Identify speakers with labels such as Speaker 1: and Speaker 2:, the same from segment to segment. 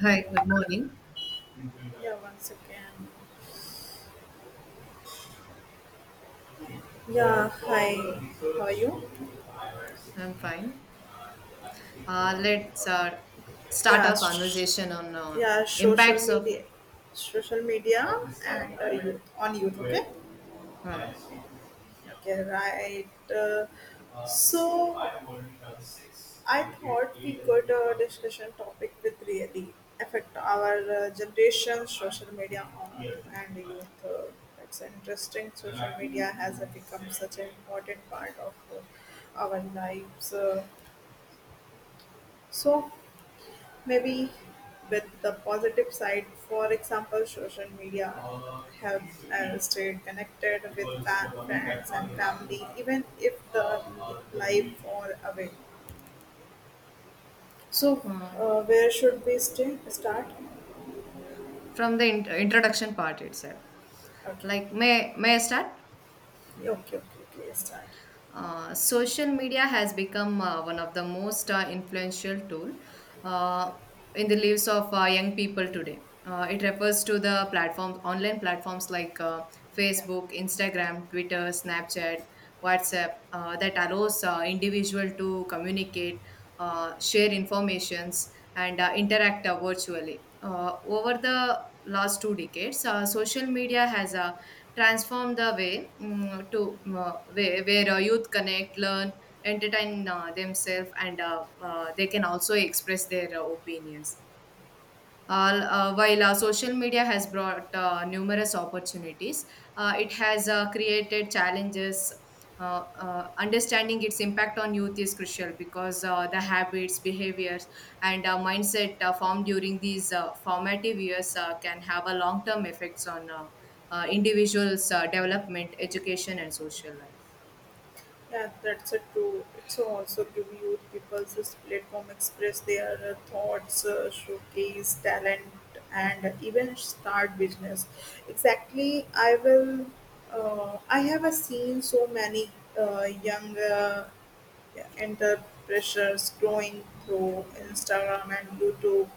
Speaker 1: Hi, good morning.
Speaker 2: Yeah, 1 second. Yeah, hi. How are you?
Speaker 1: I'm fine. Let's start
Speaker 2: Yeah,
Speaker 1: our
Speaker 2: sh-
Speaker 1: conversation on
Speaker 2: yeah. Social
Speaker 1: impacts of
Speaker 2: media, social media, and youth on youth. Okay.
Speaker 1: uh,
Speaker 2: Okay, right. So I thought we could discussion topic with really affect our generation, social media on and youth. It's interesting. Social media has become such an important part of our lives. So maybe with the positive side, for example, social media helps us stay connected with friends and family, even if the life far away. So,
Speaker 1: uh,
Speaker 2: where should we stay? Start?
Speaker 1: from the introduction part itself.
Speaker 2: Okay,
Speaker 1: Like, may I start?
Speaker 2: okay, okay, okay. Start.
Speaker 1: Social media has become one of the most influential tool uh, in the lives of young people today. It refers to the platforms, online platforms like
Speaker 2: Yeah.
Speaker 1: Facebook, Instagram, Twitter, Snapchat, WhatsApp, that allows individual to communicate, share informations, and interact virtually. Over the last two decades, social media has transform the way mm, to way where youth connect, learn, entertain themselves, and they can also express their opinions. While social media has brought numerous opportunities, it has created challenges. Understanding its impact on youth is crucial because the habits, behaviors, and mindset formed during these formative years can have a long term effects on individuals' development, education, and social life.
Speaker 2: Yeah, that's a true. It's also give youth people this platform express their thoughts, showcase talent, and even start business. Exactly, I will. I have seen so many young entrepreneurs growing through Instagram and YouTube.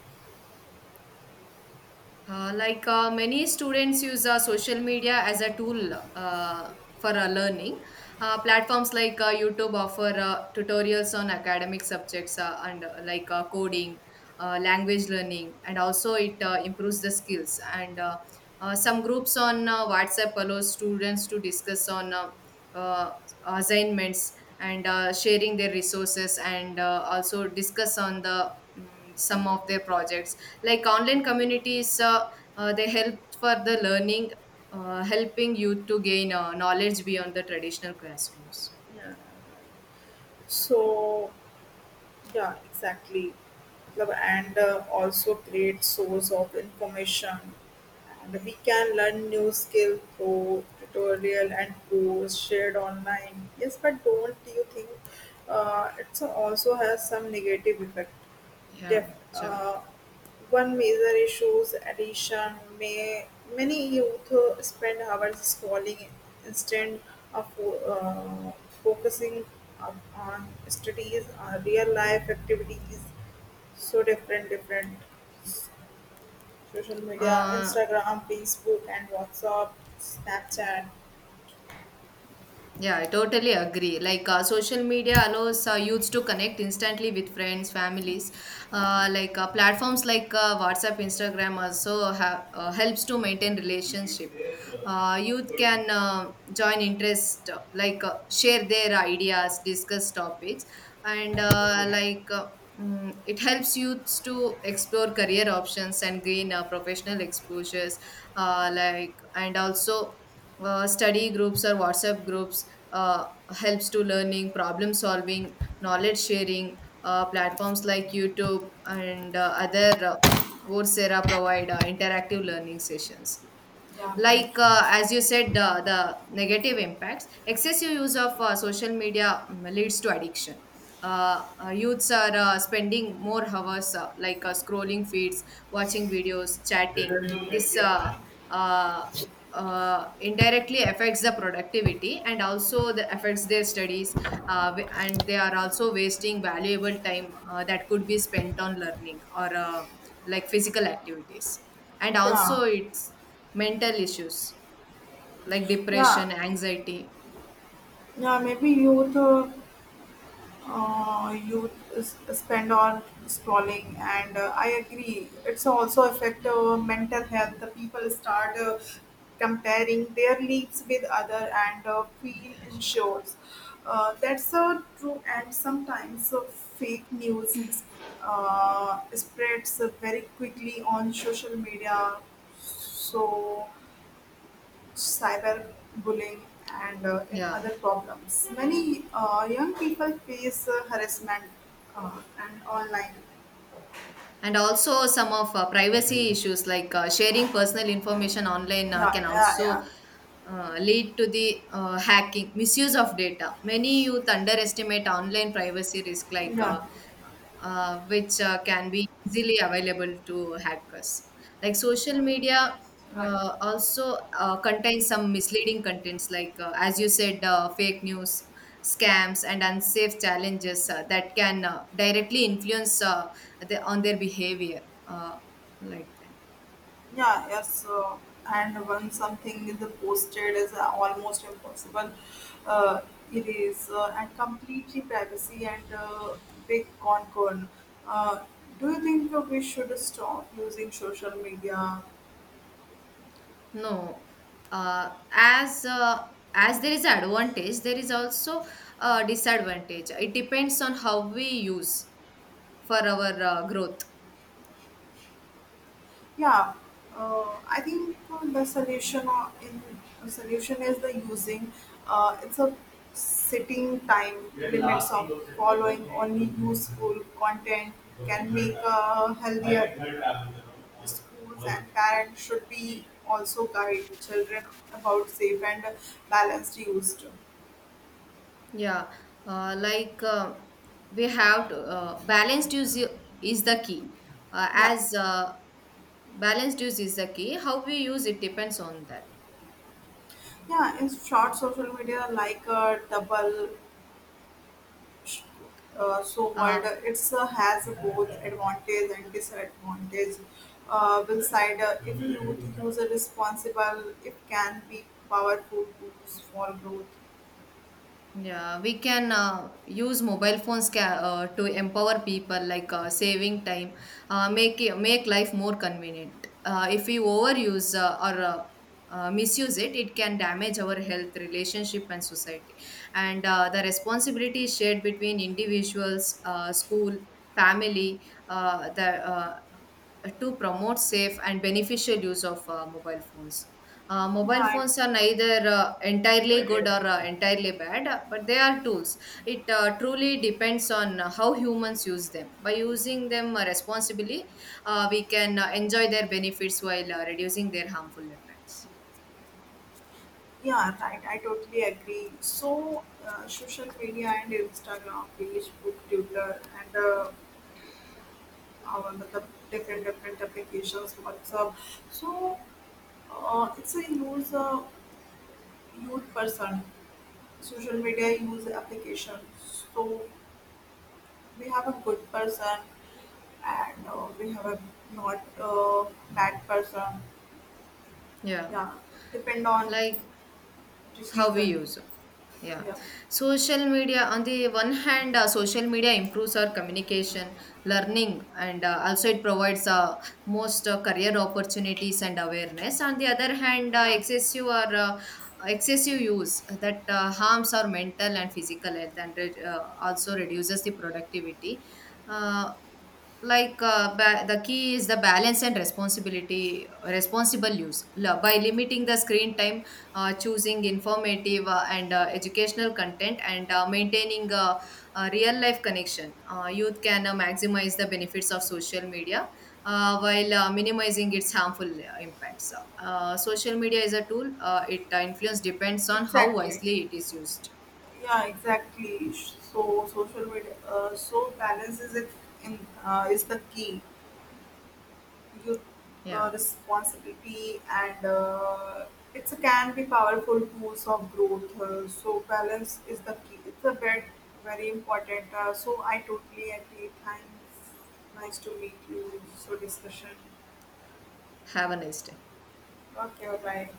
Speaker 1: Many students use social media as a tool for learning. Platforms like YouTube offer tutorials on academic subjects and coding, language learning, and also it improves the skills. And Some groups on WhatsApp allows students to discuss on uh, assignments and sharing their resources and also discuss on the some of their projects like online communities, they help for the learning helping you to gain knowledge beyond the traditional classrooms.
Speaker 2: Yeah. So Yeah, exactly. Love and also great source of information. And we can learn new skill through tutorial and course shared online. Yes, but don't you think it also has some negative effect? Def
Speaker 1: Yeah, sure.
Speaker 2: uh, One major issue is addiction. May, many youth spend hours scrolling instead of focusing on studies, real life activities. So different, social media,
Speaker 1: uh,
Speaker 2: Instagram, Facebook, and WhatsApp, Snapchat.
Speaker 1: Yeah, I totally agree. Like social media allows youths to connect instantly with friends, families. Platforms like WhatsApp, Instagram also helps to maintain relationship. Youth can join interest, share their ideas, discuss topics, and it helps youths to explore career options and gain professional exposures. And also study groups or WhatsApp groups uh, helps to learning problem solving knowledge sharing. Platforms like youtube and other coursera provide interactive learning sessions.
Speaker 2: Yeah, right.
Speaker 1: Like as you said, the negative impacts excessive use of social media leads to addiction. Youths are spending more hours, scrolling feeds, watching videos, chatting. This uh, uh, uh, indirectly affects the productivity and also the affects their studies. And they are also wasting valuable time that could be spent on learning or physical activities, and
Speaker 2: Yeah,
Speaker 1: also it's mental issues like
Speaker 2: yeah,
Speaker 1: depression, anxiety.
Speaker 2: yeah. Maybe youth you spend on scrolling and I agree it's also affect mental health the people start comparing their lives with other and feel insured that's true and sometimes fake news spreads very quickly on social media so cyberbullying, and in
Speaker 1: Yeah,
Speaker 2: other problems. Many young people face harassment and online.
Speaker 1: and also some of privacy issues like sharing personal information online
Speaker 2: Yeah,
Speaker 1: can
Speaker 2: yeah, yeah,
Speaker 1: also lead to the hacking misuse of data. Many youth underestimate online privacy risk.
Speaker 2: yeah,
Speaker 1: Which can be easily available to hackers. Like
Speaker 2: yeah,
Speaker 1: social media
Speaker 2: right.
Speaker 1: also contains some misleading contents like, as you said, fake news, scams, and unsafe challenges that can directly influence the, on their behavior, like that.
Speaker 2: Yeah, yes. And when something is posted is almost impossible, uh, it is and completely privacy and big concern. Uh, do you think that we should stop using social media?
Speaker 1: No. As as there is advantage, there is also a disadvantage. It depends on how we use for our growth.
Speaker 2: Yeah, I think the solution is the using. It's a sitting time limits of following only useful content can make a healthier schools and parents should be also guide children about safe and balanced use.
Speaker 1: Yeah. uh, like uh, we have to, balanced use is the key.
Speaker 2: Yeah,
Speaker 1: As Balanced use is the key. How we use it depends on that.
Speaker 2: yeah. In short, social media like a double so world
Speaker 1: uh,
Speaker 2: it's has a both advantage and disadvantage will side if youth use a responsible it can be powerful tools for growth
Speaker 1: Yeah, we can use mobile phones to empower people, like saving time, make make life more convenient. If we overuse or misuse it, it can damage our health, relationship, and society. And the responsibility is shared between individuals, school, family, the to promote safe and beneficial use of mobile phones.
Speaker 2: yeah
Speaker 1: Mobile phones are neither entirely good or entirely bad, but they are tools. It truly depends on how humans use them. By using them responsibly, we can enjoy their benefits while reducing their harmful effects.
Speaker 2: yeah right I totally agree so social media and instagram facebook twitter and our matlab, different applications whatsapp so it's a user youth person social media use applications. So we have a good person and we have a not bad person.
Speaker 1: Yeah.
Speaker 2: Yeah, depend on
Speaker 1: Like,
Speaker 2: the
Speaker 1: how we
Speaker 2: season.
Speaker 1: use, yeah,
Speaker 2: Yeah,
Speaker 1: social media. On the one hand, social media improves our communication, learning, and also it provides most career opportunities and awareness. On the other hand,
Speaker 2: yeah,
Speaker 1: excessive use that harms our mental and physical health and also reduces the productivity. uh, the key is the balance and responsibility. Responsible use, by limiting the screen time, choosing informative and educational content, and maintaining a real life connection, youth can maximize the benefits of social media while minimizing its harmful impacts. Social media is a tool. It influence depends on how
Speaker 2: exactly.
Speaker 1: wisely it is used.
Speaker 2: Yeah, exactly. So social media, so balance is it in is the key. Youth
Speaker 1: Yeah,
Speaker 2: responsibility and it's a can be powerful tools of growth so balance is the key it's a bit very important so I totally agree thanks nice to meet you so discussion
Speaker 1: have a nice day.
Speaker 2: okay bye